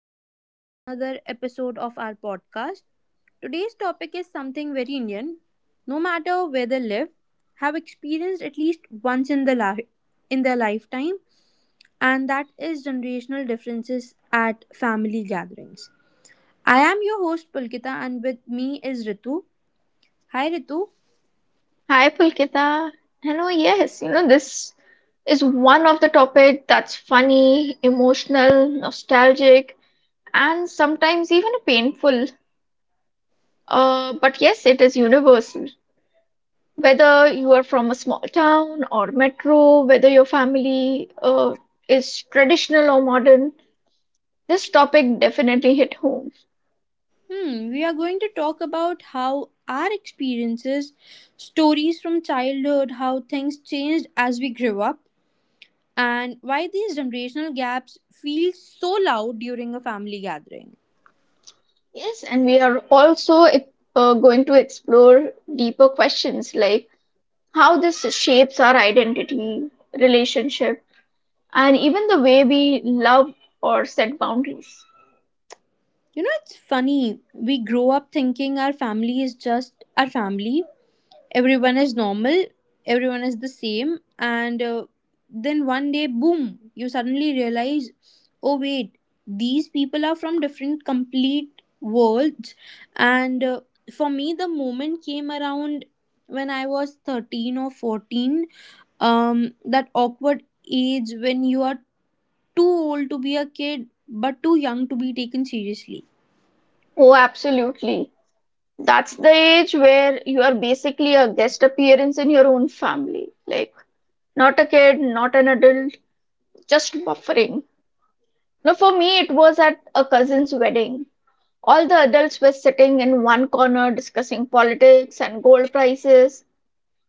welcome back to another episode of our podcast. Today's topic is something very Indian. No matter where they live, have experienced at least once in their lifetime, and that is generational differences at family gatherings. I am your host Pulkita, and with me is Ritu. Hi, Ritu. Hi, Pulkita. Hello, yes, you know, this is one of the topic that's funny, emotional, nostalgic, and sometimes even painful. But yes, it is universal. Whether you are from a small town or metro, whether your family is traditional or modern, this topic definitely hit home. We are going to talk about how our experiences, stories from childhood, how things changed as we grew up and why these generational gaps feel so loud during a family gathering. Yes, and we are also going to explore deeper questions like how this shapes our identity, relationship, and even the way we love or set boundaries. You know, it's funny. We grow up thinking our family is just our family, everyone is normal, everyone is the same, and then one day, boom, you suddenly realize, oh, wait, these people are from different, complete worlds. And for me, the moment came around when I was 13 or 14, that awkward age when you are too old to be a kid but too young to be taken seriously. Oh, absolutely. That's the age where you are basically a guest appearance in your own family. Like, not a kid, not an adult, just buffering. Now, for me, it was at a cousin's wedding. All the adults were sitting in one corner discussing politics and gold prices,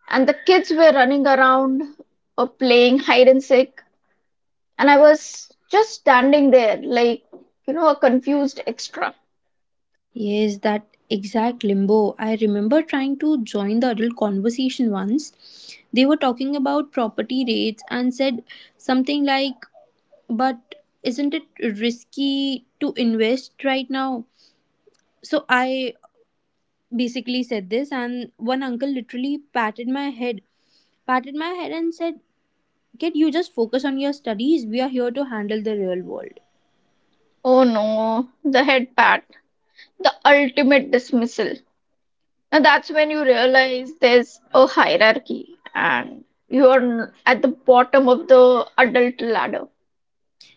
and the kids were running around or playing hide and seek, and I was just standing there, like, a confused extra. Yes, that exact limbo. I remember trying to join the adult conversation once. They were talking about property rates and said something like, but isn't it risky to invest right now? So I basically said this, and one uncle literally patted my head and said, "Kid, you just focus on your studies. We are here to handle the real world." Oh no, the head pat, the ultimate dismissal. Now that's when you realize there's a hierarchy and you're at the bottom of the adult ladder.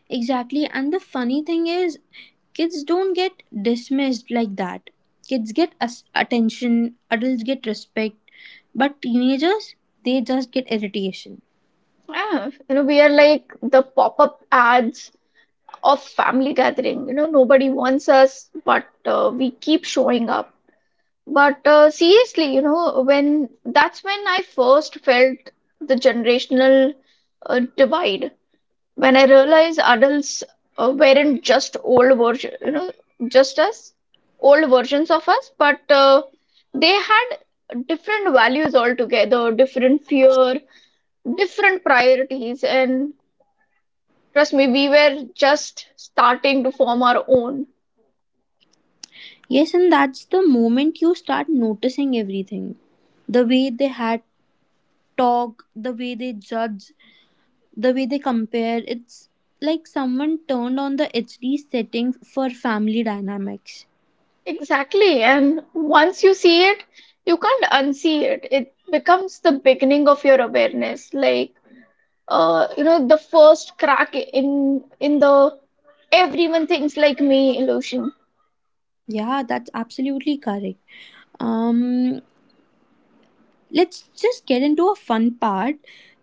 Exactly. And the funny thing is, kids don't get dismissed like that. Kids get attention, adults get respect, but teenagers, they just get irritation. Yeah, we are like the pop up ads of family gathering. Nobody wants us, but we keep showing up. But seriously, you know, when that's when I first felt the generational divide. When I realized adults weren't just old version, you know, just us, old versions of us, but they had different values altogether, different fear, different priorities, and trust me, we were just starting to form our own. Yes, and that's the moment you start noticing everything. The way they had talk, the way they judge, the way they compare. It's like someone turned on the HD setting for family dynamics. Exactly. And once you see it, you can't unsee it. It becomes the beginning of your awareness. The first crack in the everyone thinks like me illusion. Yeah, that's absolutely correct. Um, let's just get into a fun part,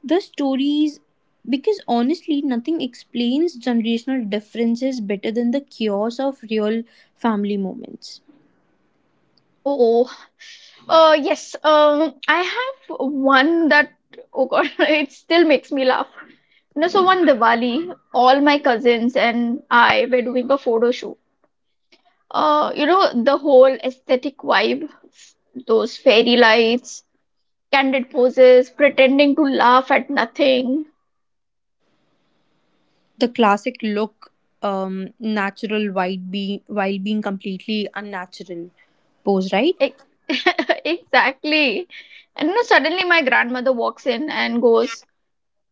the stories, because honestly, nothing explains generational differences better than the chaos of real family moments. Oh, yes. I have one that, oh God, it still makes me laugh. So one Diwali, all my cousins and I were doing a photo shoot. The whole aesthetic vibe, those fairy lights, candid poses, pretending to laugh at nothing. The classic look, natural while being completely unnatural pose, right? Ex- Exactly. And suddenly my grandmother walks in and goes,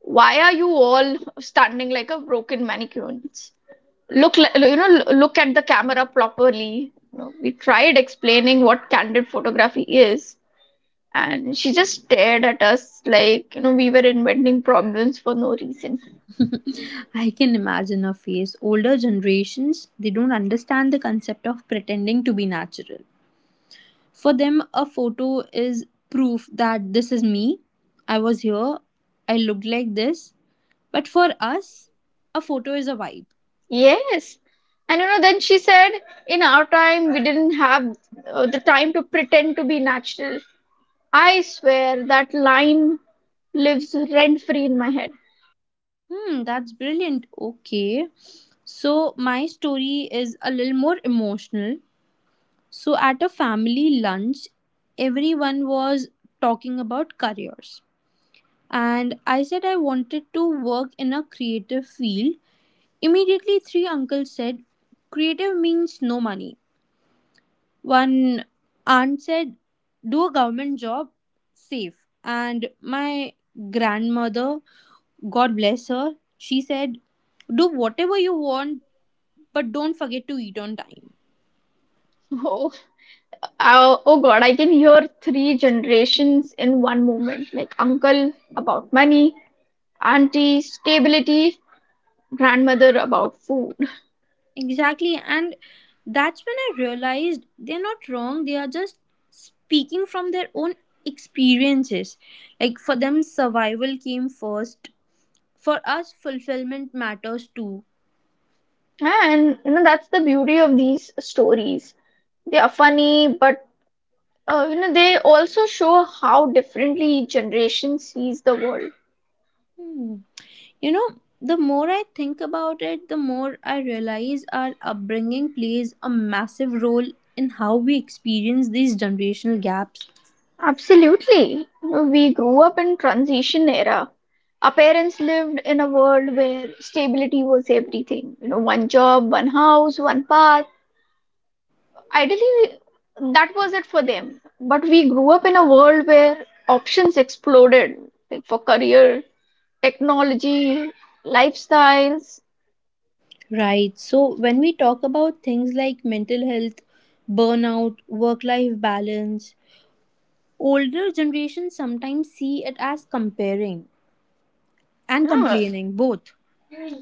"Why are you all standing like a broken mannequin? Look at the camera properly." We tried explaining what candid photography is, and she just stared at us like, we were inventing problems for no reason. I can imagine a face. Older generations, they don't understand the concept of pretending to be natural. For them, a photo is proof that this is me. I was here. I looked like this. But for us, a photo is a vibe. Yes. Then she said, "In our time, we didn't have the time to pretend to be natural." I swear that line lives rent free in my head. That's brilliant. Okay. So, my story is a little more emotional. So, at a family lunch, everyone was talking about careers. And I said I wanted to work in a creative field. Immediately, three uncles said, "Creative means no money." One aunt said, "Do a government job, safe." And my grandmother, God bless her, she said, "Do whatever you want, but don't forget to eat on time." Oh, oh God, I can hear three generations in one moment. Like uncle about money, auntie stability, grandmother about food. Exactly. And that's when I realized they're not wrong, they are just speaking from their own experiences. Like for them, survival came first. For us, fulfillment matters too. That's the beauty of these stories. They are funny, but they also show how differently generation sees the world. Hmm. You know, the more I think about it, the more I realize our upbringing plays a massive role in how we experience these generational gaps. Absolutely. We grew up in transition era. Our parents lived in a world where stability was everything. You know, one job, one house, one path. Ideally, that was it for them. But we grew up in a world where options exploded, like for career, technology, lifestyles. Right. So, when we talk about things like mental health, burnout, work life balance, older generations sometimes see it as comparing and Yeah, complaining, both.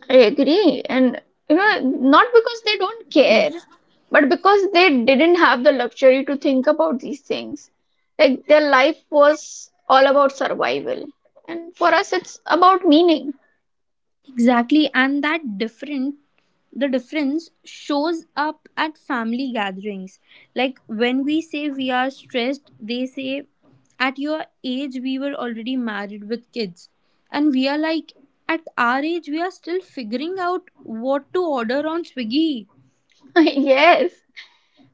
I agree. Not because they don't care, but because they didn't have the luxury to think about these things. Like their life was all about survival. And for us, it's about meaning. Exactly, and that different the difference shows up at family gatherings. Like when we say we are stressed, they say at your age we were already married with kids. And we are like at our age we are still figuring out what to order on Swiggy. Yes.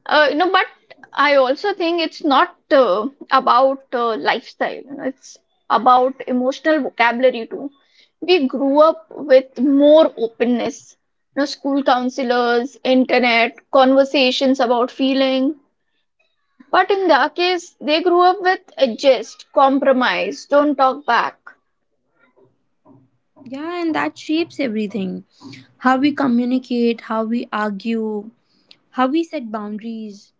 But I also think it's not about lifestyle, it's about emotional vocabulary too. We grew up with more openness, you know, school counselors, internet, conversations about feeling. But in their case, they grew up with adjust, compromise, don't talk back. Yeah, and that shapes everything. How we communicate, how we argue, how we set boundaries.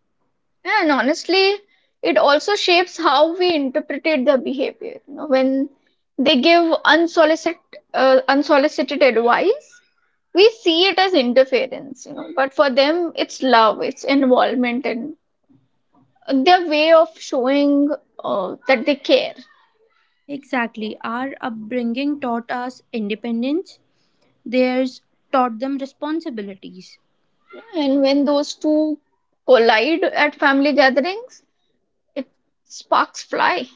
Yeah, and honestly, it also shapes how we interpret their behavior. You know, when they give unsolicited advice, we see it as interference, you know, but for them, it's love, it's involvement, and their way of showing that they care. Exactly. Our upbringing taught us independence. Theirs taught them responsibilities. And when those two collide at family gatherings, it sparks fly.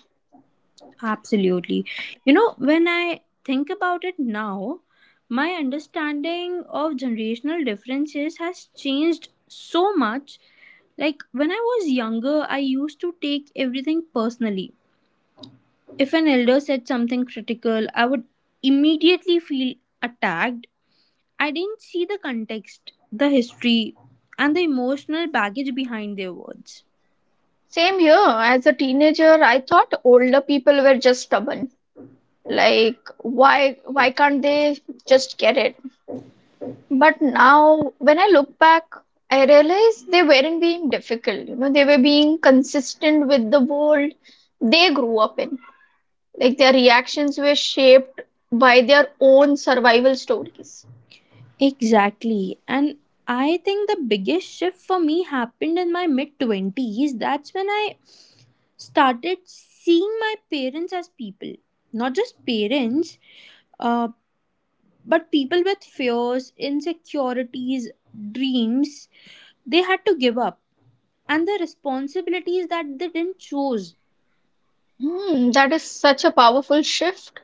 Absolutely. You know, when I think about it now, my understanding of generational differences has changed so much. Like when I was younger, I used to take everything personally. If an elder said something critical, I would immediately feel attacked. I didn't see the context, the history, and the emotional baggage behind their words. Same here, as a teenager, I thought older people were just stubborn. Like why can't they just get it? But now when I look back, I realize they weren't being difficult. You know, they were being consistent with the world they grew up in. Like their reactions were shaped by their own survival stories. Exactly. And I think the biggest shift for me happened in my mid 20s. That's when I started seeing my parents as people, not just parents, uh, but people with fears, insecurities, dreams they had to give up and the responsibilities that they didn't choose. Hmm, that is such a powerful shift.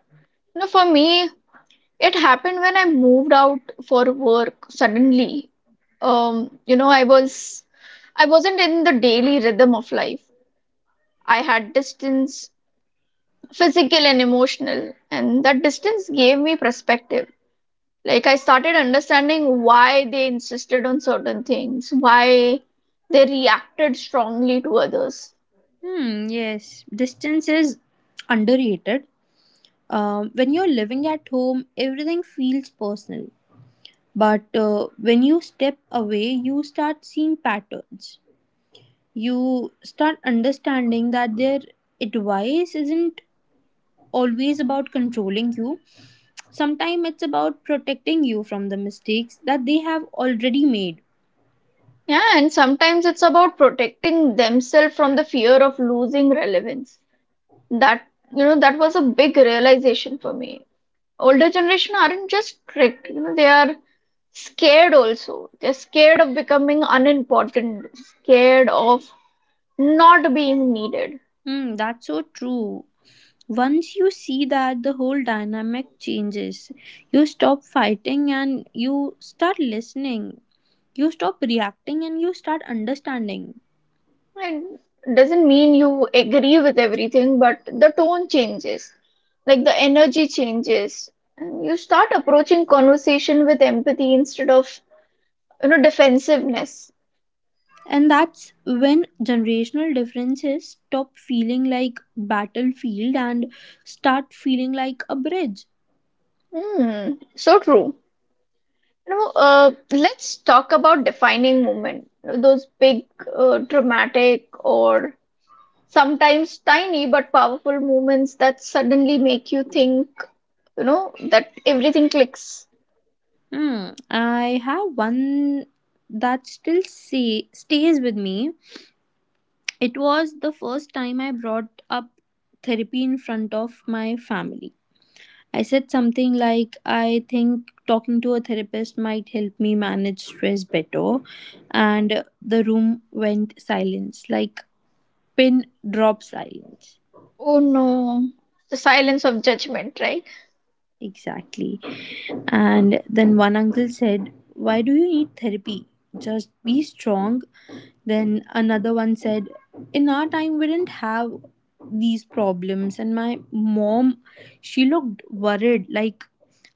You know, for me, it happened when I moved out for work. Suddenly, um you know i was I wasn't in the daily rhythm of life. I had distance, physical and emotional, and that distance gave me perspective. Like I started understanding why they insisted on certain things, why they reacted strongly to others. Hmm, yes, distance is underrated. When you're living at home, everything feels personal. But when you step away, you start seeing patterns. You start understanding that their advice isn't always about controlling you. Sometimes it's about protecting you from the mistakes that they have already made. Yeah, and sometimes it's about protecting themselves from the fear of losing relevance. That that was a big realization for me. Older generation aren't just strict, you know, they are scared also. They're scared of becoming unimportant, scared of not being needed. That's so true. Once you see that, the whole dynamic changes. You stop fighting and you start listening. You stop reacting and you start understanding. It doesn't mean you agree with everything, but the tone changes, like the energy changes, and you start approaching conversation with empathy instead of, defensiveness. And that's when generational differences stop feeling like battlefield and start feeling like a bridge. Hmm, so true. Let's talk about defining movement. You know, those big, dramatic, or sometimes tiny but powerful movements that suddenly make you think, you know, that everything clicks. Hmm. I have one that still stays with me. It was the first time I brought up therapy in front of my family. I said something like, "I think talking to a therapist might help me manage stress better." And the room went silence, like pin drop silence. Oh no, the silence of judgment, right? Exactly. And then one uncle said, "Why do you need therapy? Just be strong." Then another one said, "In our time, we didn't have these problems." And my mom, she looked worried, like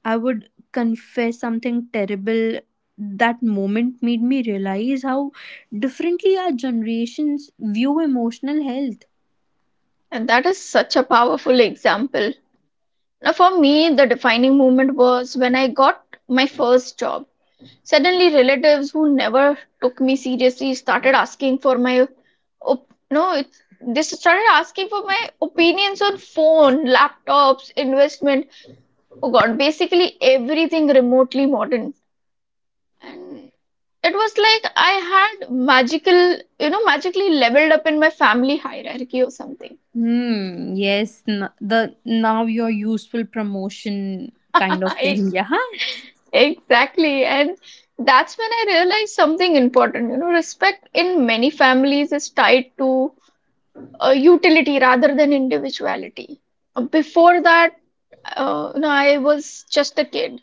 I would confess something terrible. That moment made me realize how differently our generations view emotional health. And that is such a powerful example. Now, for me, the defining moment was when I got my first job. Suddenly, relatives who never took me seriously started asking for my, op- no, it, they started asking for my opinions on phone, laptops, investment. Oh God, basically everything remotely modern. And it was like I had magically leveled up in my family hierarchy or something. Hmm. Yes. The now your useful promotion kind of I, thing. Yeah. exactly. And that's when I realized something important. You know, respect in many families is tied to utility rather than individuality. Before that, I was just a kid.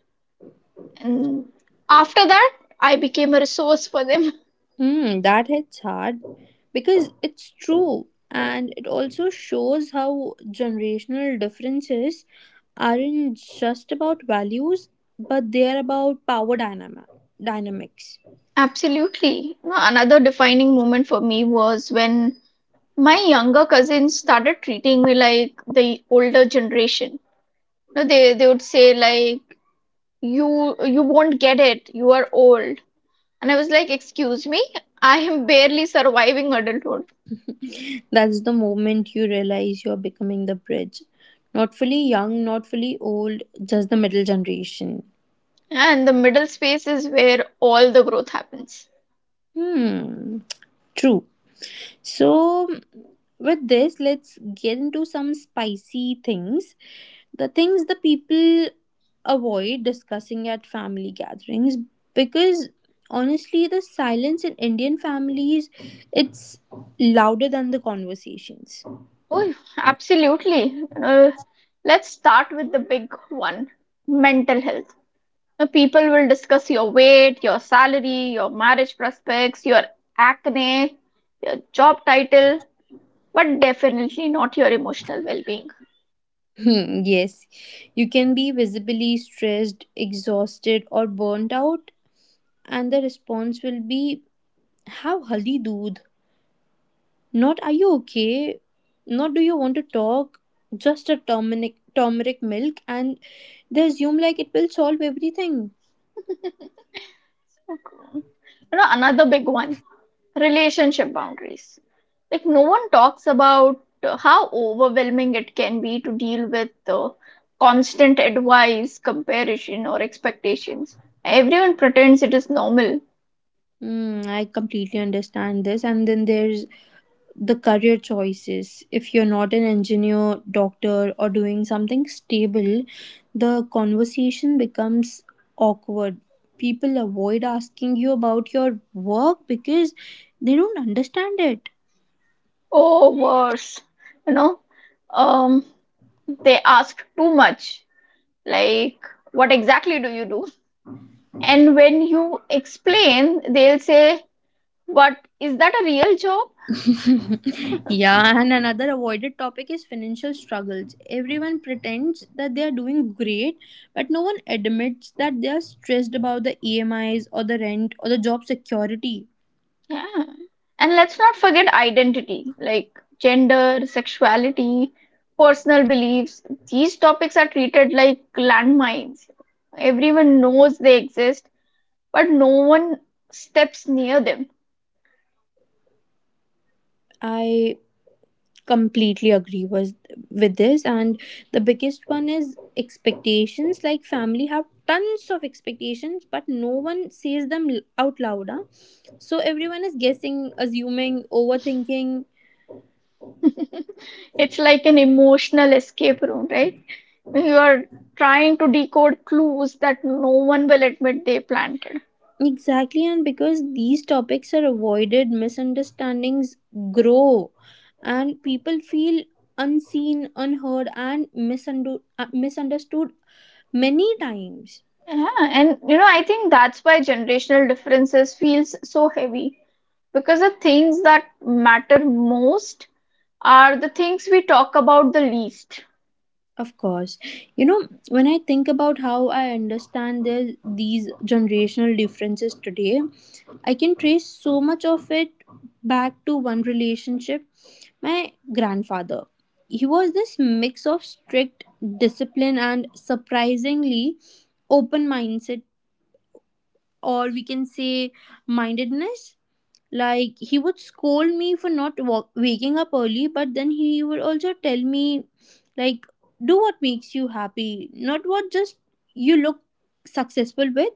And after that, I became a resource for them. Hmm. That hits hard because it's true, and it also shows how generational differences aren't just about values, but they are about power dynamics. Absolutely. You know, another defining moment for me was when my younger cousins started treating me like the older generation. No, they would say like you won't get it. You are old. And I was like, excuse me, I am barely surviving adulthood. That's the moment you realize you're becoming the bridge. Not fully young, not fully old, just the middle generation. And the middle space is where all the growth happens. Hmm. True. So, with this, let's get into some spicy things. The things the people avoid discussing at family gatherings because honestly, the silence in Indian families, it's louder than the conversations. Oh, absolutely. Let's start with the big one, mental health. Now, people will discuss your weight, your salary, your marriage prospects, your acne, your job title, but definitely not your emotional well-being. Hmm, yes, you can be visibly stressed, exhausted, or burnt out, and the response will be, "How haldi dood?" Not are you okay? Not do you want to talk? Just a turmeric milk and they assume like it will solve everything. Okay, another big one, relationship boundaries. Like no one talks about how overwhelming it can be to deal with uh, constant advice, comparison or expectations. Everyone pretends it is normal. I completely understand this. And then there's the career choices. If you're not an engineer, doctor, or doing something stable, the conversation becomes awkward. People avoid asking you about your work because they don't understand it. Or worse, you know um they ask too much, like what exactly do you do? And when you explain, they'll say, "What is that, a real job?" Yeah, and another avoided topic is financial struggles. Everyone pretends that they are doing great, but no one admits that they are stressed about the EMIs or the rent or the job security. Yeah. And let's not forget identity, like gender, sexuality, personal beliefs. These topics are treated like landmines. Everyone knows they exist, but no one steps near them. I completely agree with this, and the biggest one is expectations. Like, family have tons of expectations, but no one says them out loud. Huh? So, everyone is guessing, assuming, overthinking. It's like an emotional escape room, right? You are trying to decode clues that no one will admit they planted. Exactly, and because these topics are avoided, misunderstandings grow, and people feel unseen, unheard, and misunderstood many times. Yeah, and you know, I think that's why generational differences feels so heavy. Because the things that matter most are the things we talk about the least. Of course. You know, when I think about how I understand these generational differences today, I can trace so much of it back to one relationship. My grandfather. He was this mix of strict discipline and surprisingly open mindset, or we can say mindedness. Like he would scold me for not waking up early, but then he would also tell me, like, do what makes you happy, not what just you look successful with.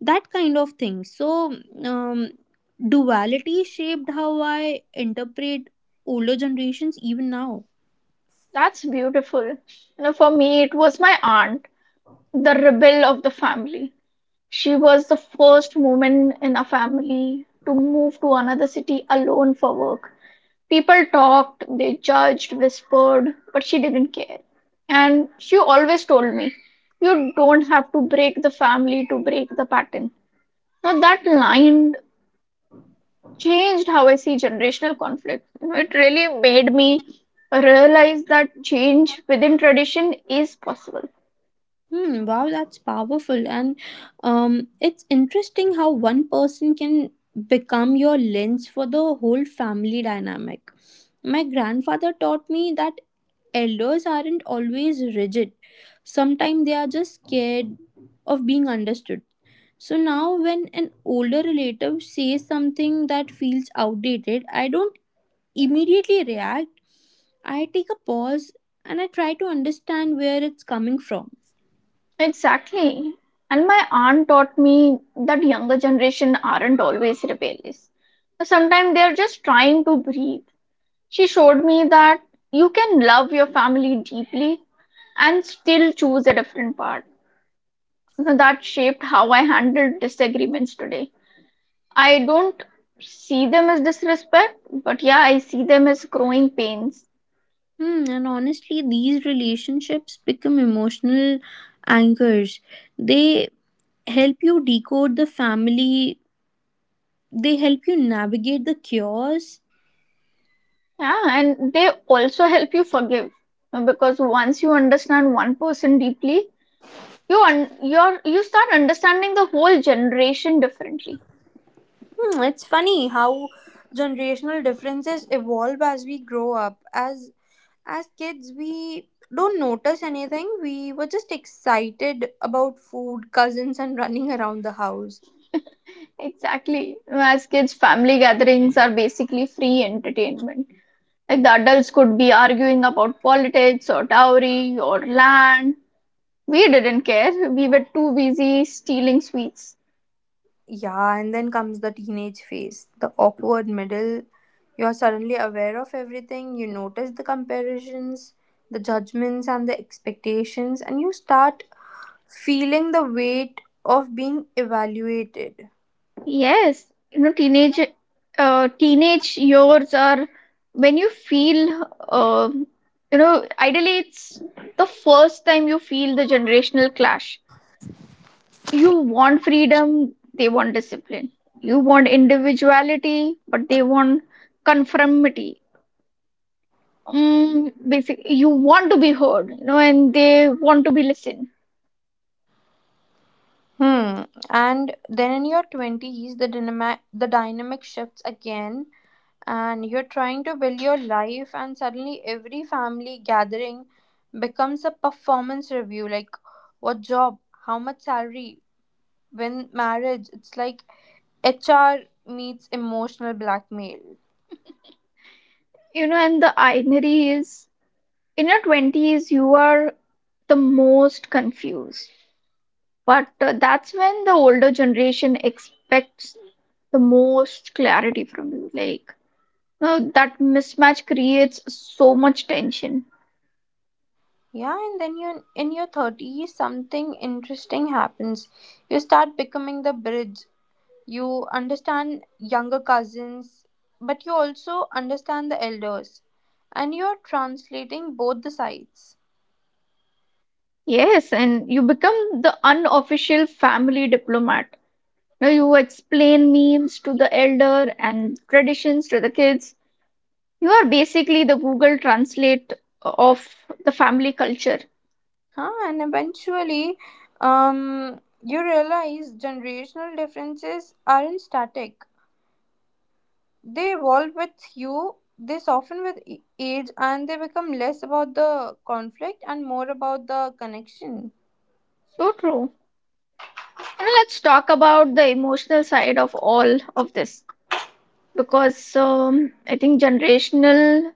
That kind of thing. So, um, duality shaped how I interpret older generations even now. That's beautiful. You know, for me, it was my aunt, the rebel of the family. She was the first woman in a family to move to another city alone for work. People talked, they judged, whispered, but she didn't care. And she always told me, "You don't have to break the family to break the pattern." Now, that line changed how I see generational conflict. You know, it really made me realize that change within tradition is possible. Hmm, wow, that's powerful. And it's interesting how one person can become your lens for the whole family dynamic. My grandfather taught me that elders aren't always rigid, sometimes they are just scared of being understood. So now, when an older relative says something that feels outdated, I don't immediately react. I take a pause and I try to understand where it's coming from. Exactly. And my aunt taught me that younger generation aren't always rebellious. Sometimes they are just trying to breathe. She showed me that you can love your family deeply and still choose a different path. That shaped how I handle disagreements today. I don't see them as disrespect, but yeah, I see them as growing pains. And honestly, these relationships become emotional anchors. They help you decode the family, they help you navigate the chaos. Yeah, and they also help you forgive, because once you understand one person deeply, you start understanding the whole generation differently. It's funny how generational differences evolve as we grow up. As kids, we don't notice anything. We were just excited about food, cousins, and running around the house. Exactly. As kids, family gatherings are basically free entertainment. Like the adults could be arguing about politics or dowry or land. We didn't care. We were too busy stealing sweets. Yeah, and then comes the teenage phase, the awkward middle. You are suddenly aware of everything, you notice the comparisons, the judgments, and the expectations, and you start feeling the weight of being evaluated. Yes, you know, teenage years are when you feel, ideally it's the first time you feel the generational clash. You want freedom, they want discipline. You want individuality, but they want conformity. Mm, basically, you want to be heard, you know, and they want to be listened. Hmm. And then in your 20s, the dynamic shifts again, and you're trying to build your life, and suddenly every family gathering becomes a performance review, like what job, how much salary, when marriage. It's like HR meets emotional blackmail. You know, and the irony is in your 20s, you are the most confused. But that's when the older generation expects the most clarity from you. Like, you know, that mismatch creates so much tension. Yeah, and then you in your 30s, something interesting happens. You start becoming the bridge. You understand younger cousins, but you also understand the elders, and you're translating both the sides. Yes, and you become the unofficial family diplomat. Now you explain memes to the elder and traditions to the kids. You are basically the Google Translate of the family culture. Huh? And eventually, you realize generational differences aren't static. They evolve with you, they soften with age, and they become less about the conflict and more about the connection. So true. And let's talk about the emotional side of all of this, because I think generational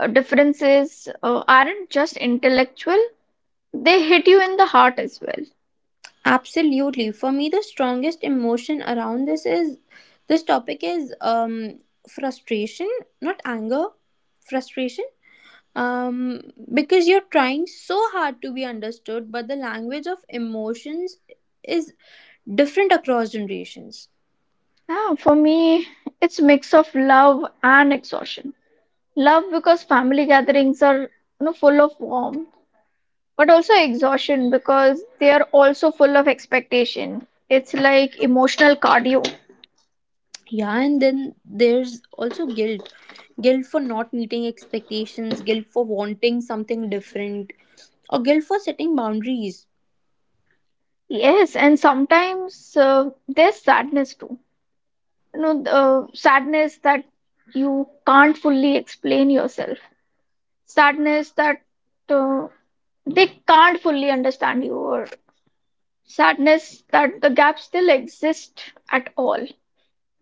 differences aren't just intellectual, they hit you in the heart as well. Absolutely. For me, the strongest emotion around this topic is frustration, not anger, frustration. Um, because you're trying so hard to be understood, but the language of emotions is different across generations. Yeah, for me, it's mix of love and exhaustion. Love because family gatherings are, you know, full of warmth, but also exhaustion because they are also full of expectation. It's like emotional cardio. Yeah, and then there's also guilt for not meeting expectations, guilt for wanting something different, or guilt for setting boundaries. Yes, and sometimes there's sadness too. You know, the sadness that you can't fully explain yourself, sadness that uh, they can't fully understand you, or sadness that the gap still exists at all.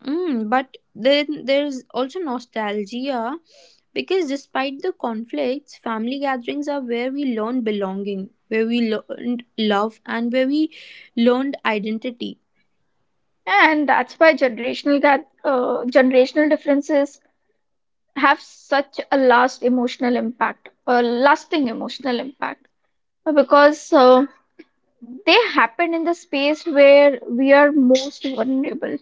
But then there's also nostalgia because despite the conflicts, family gatherings are where we learn belonging, where we learned love, and where we learned identity. And that's why generational differences have such a lasting emotional impact, because they happen in the space where we are most vulnerable.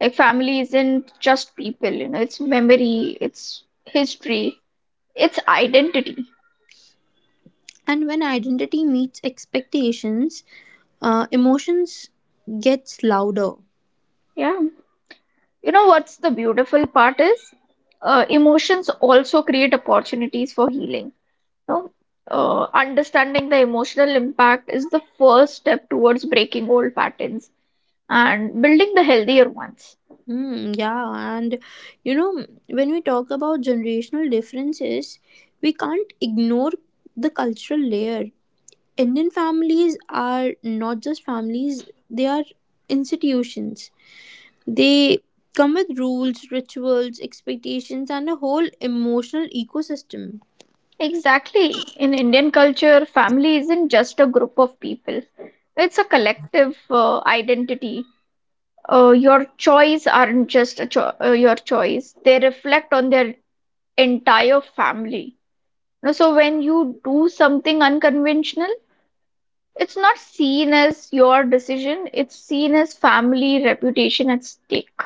Like family isn't just people, you know, it's memory, it's history, it's identity. And when identity meets expectations, emotions gets louder. Yeah. You know what's the beautiful part is? Emotions also create opportunities for healing. You know, understanding the emotional impact is the first step towards breaking old patterns and building the healthier ones. Mm, yeah, and you know, when we talk about generational differences, we can't ignore the cultural layer. Indian families are not just families, they are institutions. They come with rules, rituals, expectations, and a whole emotional ecosystem. Exactly. In Indian culture, family isn't just a group of people, it's a collective identity. Your choice aren't just a cho- your choice, they reflect on their entire family. No, so when you do something unconventional, it's not seen as your decision, it's seen as family reputation at stake.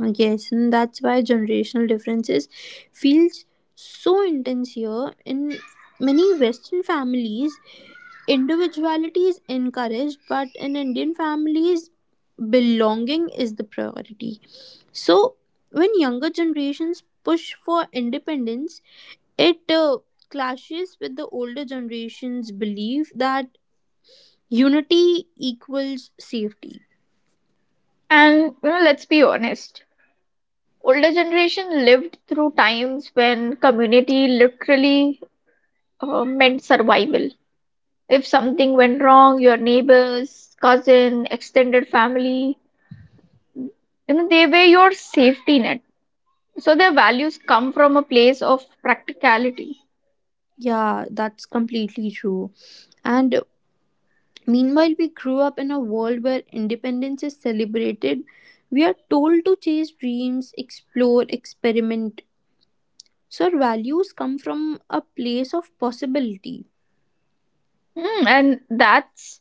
Yes, and that's why generational differences feels so intense here. In many Western families, individuality is encouraged, but in Indian families, belonging is the priority. So, when younger generations push for independence, it clashes with the older generation's belief that unity equals safety. And you know, let's be honest, older generation lived through times when community literally meant survival. If something went wrong, your neighbors, cousin, extended family, you know, they were your safety net. So their values come from a place of practicality. Yeah, that's completely true. And meanwhile, we grew up in a world where independence is celebrated. We are told to chase dreams, explore, experiment. So our values come from a place of possibility. Mm, and that's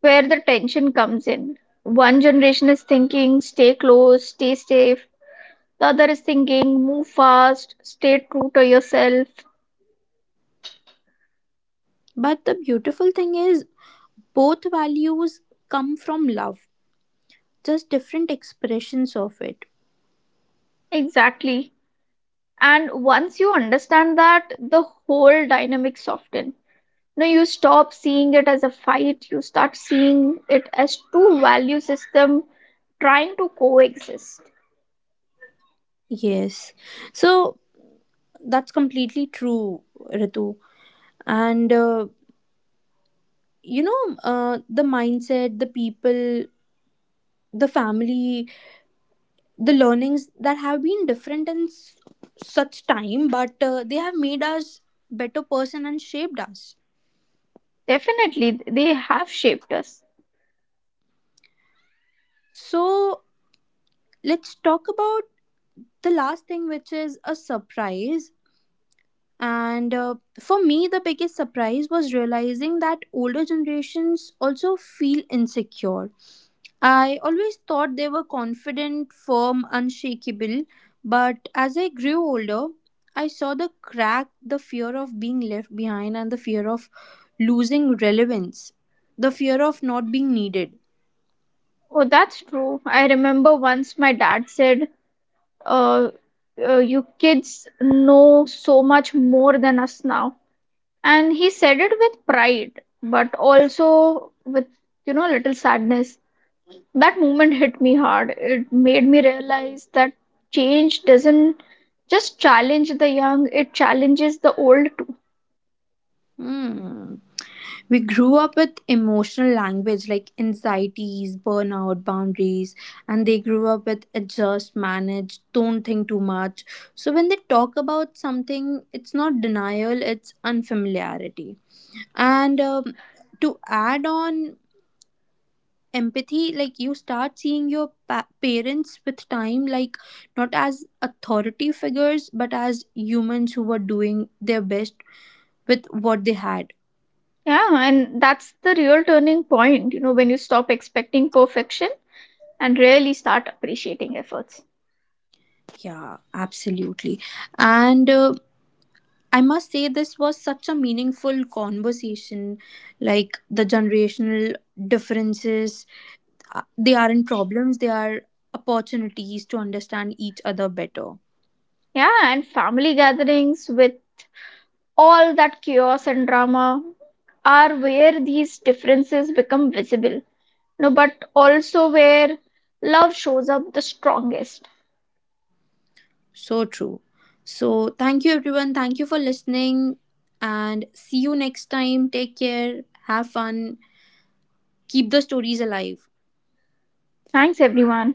where the tension comes in. One generation is thinking, stay close, stay safe. The other is thinking, move fast, stay true to yourself. But the beautiful thing is, both values come from love, just different expressions of it. Exactly. And once you understand that, the whole dynamic softens. No, you stop seeing it as a fight, you start seeing it as two value system trying to coexist. Yes. So that's completely true, Ritu. And, the mindset, the people, the family, the learnings that have been different in such time, but they have made us better person and shaped us. Definitely, they have shaped us. So let's talk about the last thing, which is a surprise, and for me the biggest surprise was realizing that older generations also feel insecure. I always thought they were confident, firm, unshakable. But as I grew older, I saw the crack, the fear of being left behind and the fear of losing relevance, the fear of not being needed. Oh, that's true. I remember once my dad said, uh, "You kids know so much more than us now." And he said it with pride, but also with, you know, little sadness. That moment hit me hard. It made me realize that change doesn't just challenge the young, it challenges the old too. Hmm. We grew up with emotional language like anxieties, burnout, boundaries, and they grew up with adjust, manage, don't think too much. So when they talk about something, it's not denial, it's unfamiliarity. And to add on empathy, like you start seeing your parents with time, like not as authority figures, but as humans who were doing their best with what they had. Yeah, and that's the real turning point, you know, when you stop expecting perfection and really start appreciating efforts. Yeah, absolutely. And I must say, this was such a meaningful conversation. Like the generational differences, they aren't problems, they are opportunities to understand each other better. Yeah, and family gatherings with all that chaos and drama are where these differences become visible. No, but also where love shows up the strongest. So true. So, thank you, everyone. Thank you for listening. And see you next time. Take care. Have fun. Keep the stories alive. Thanks, everyone.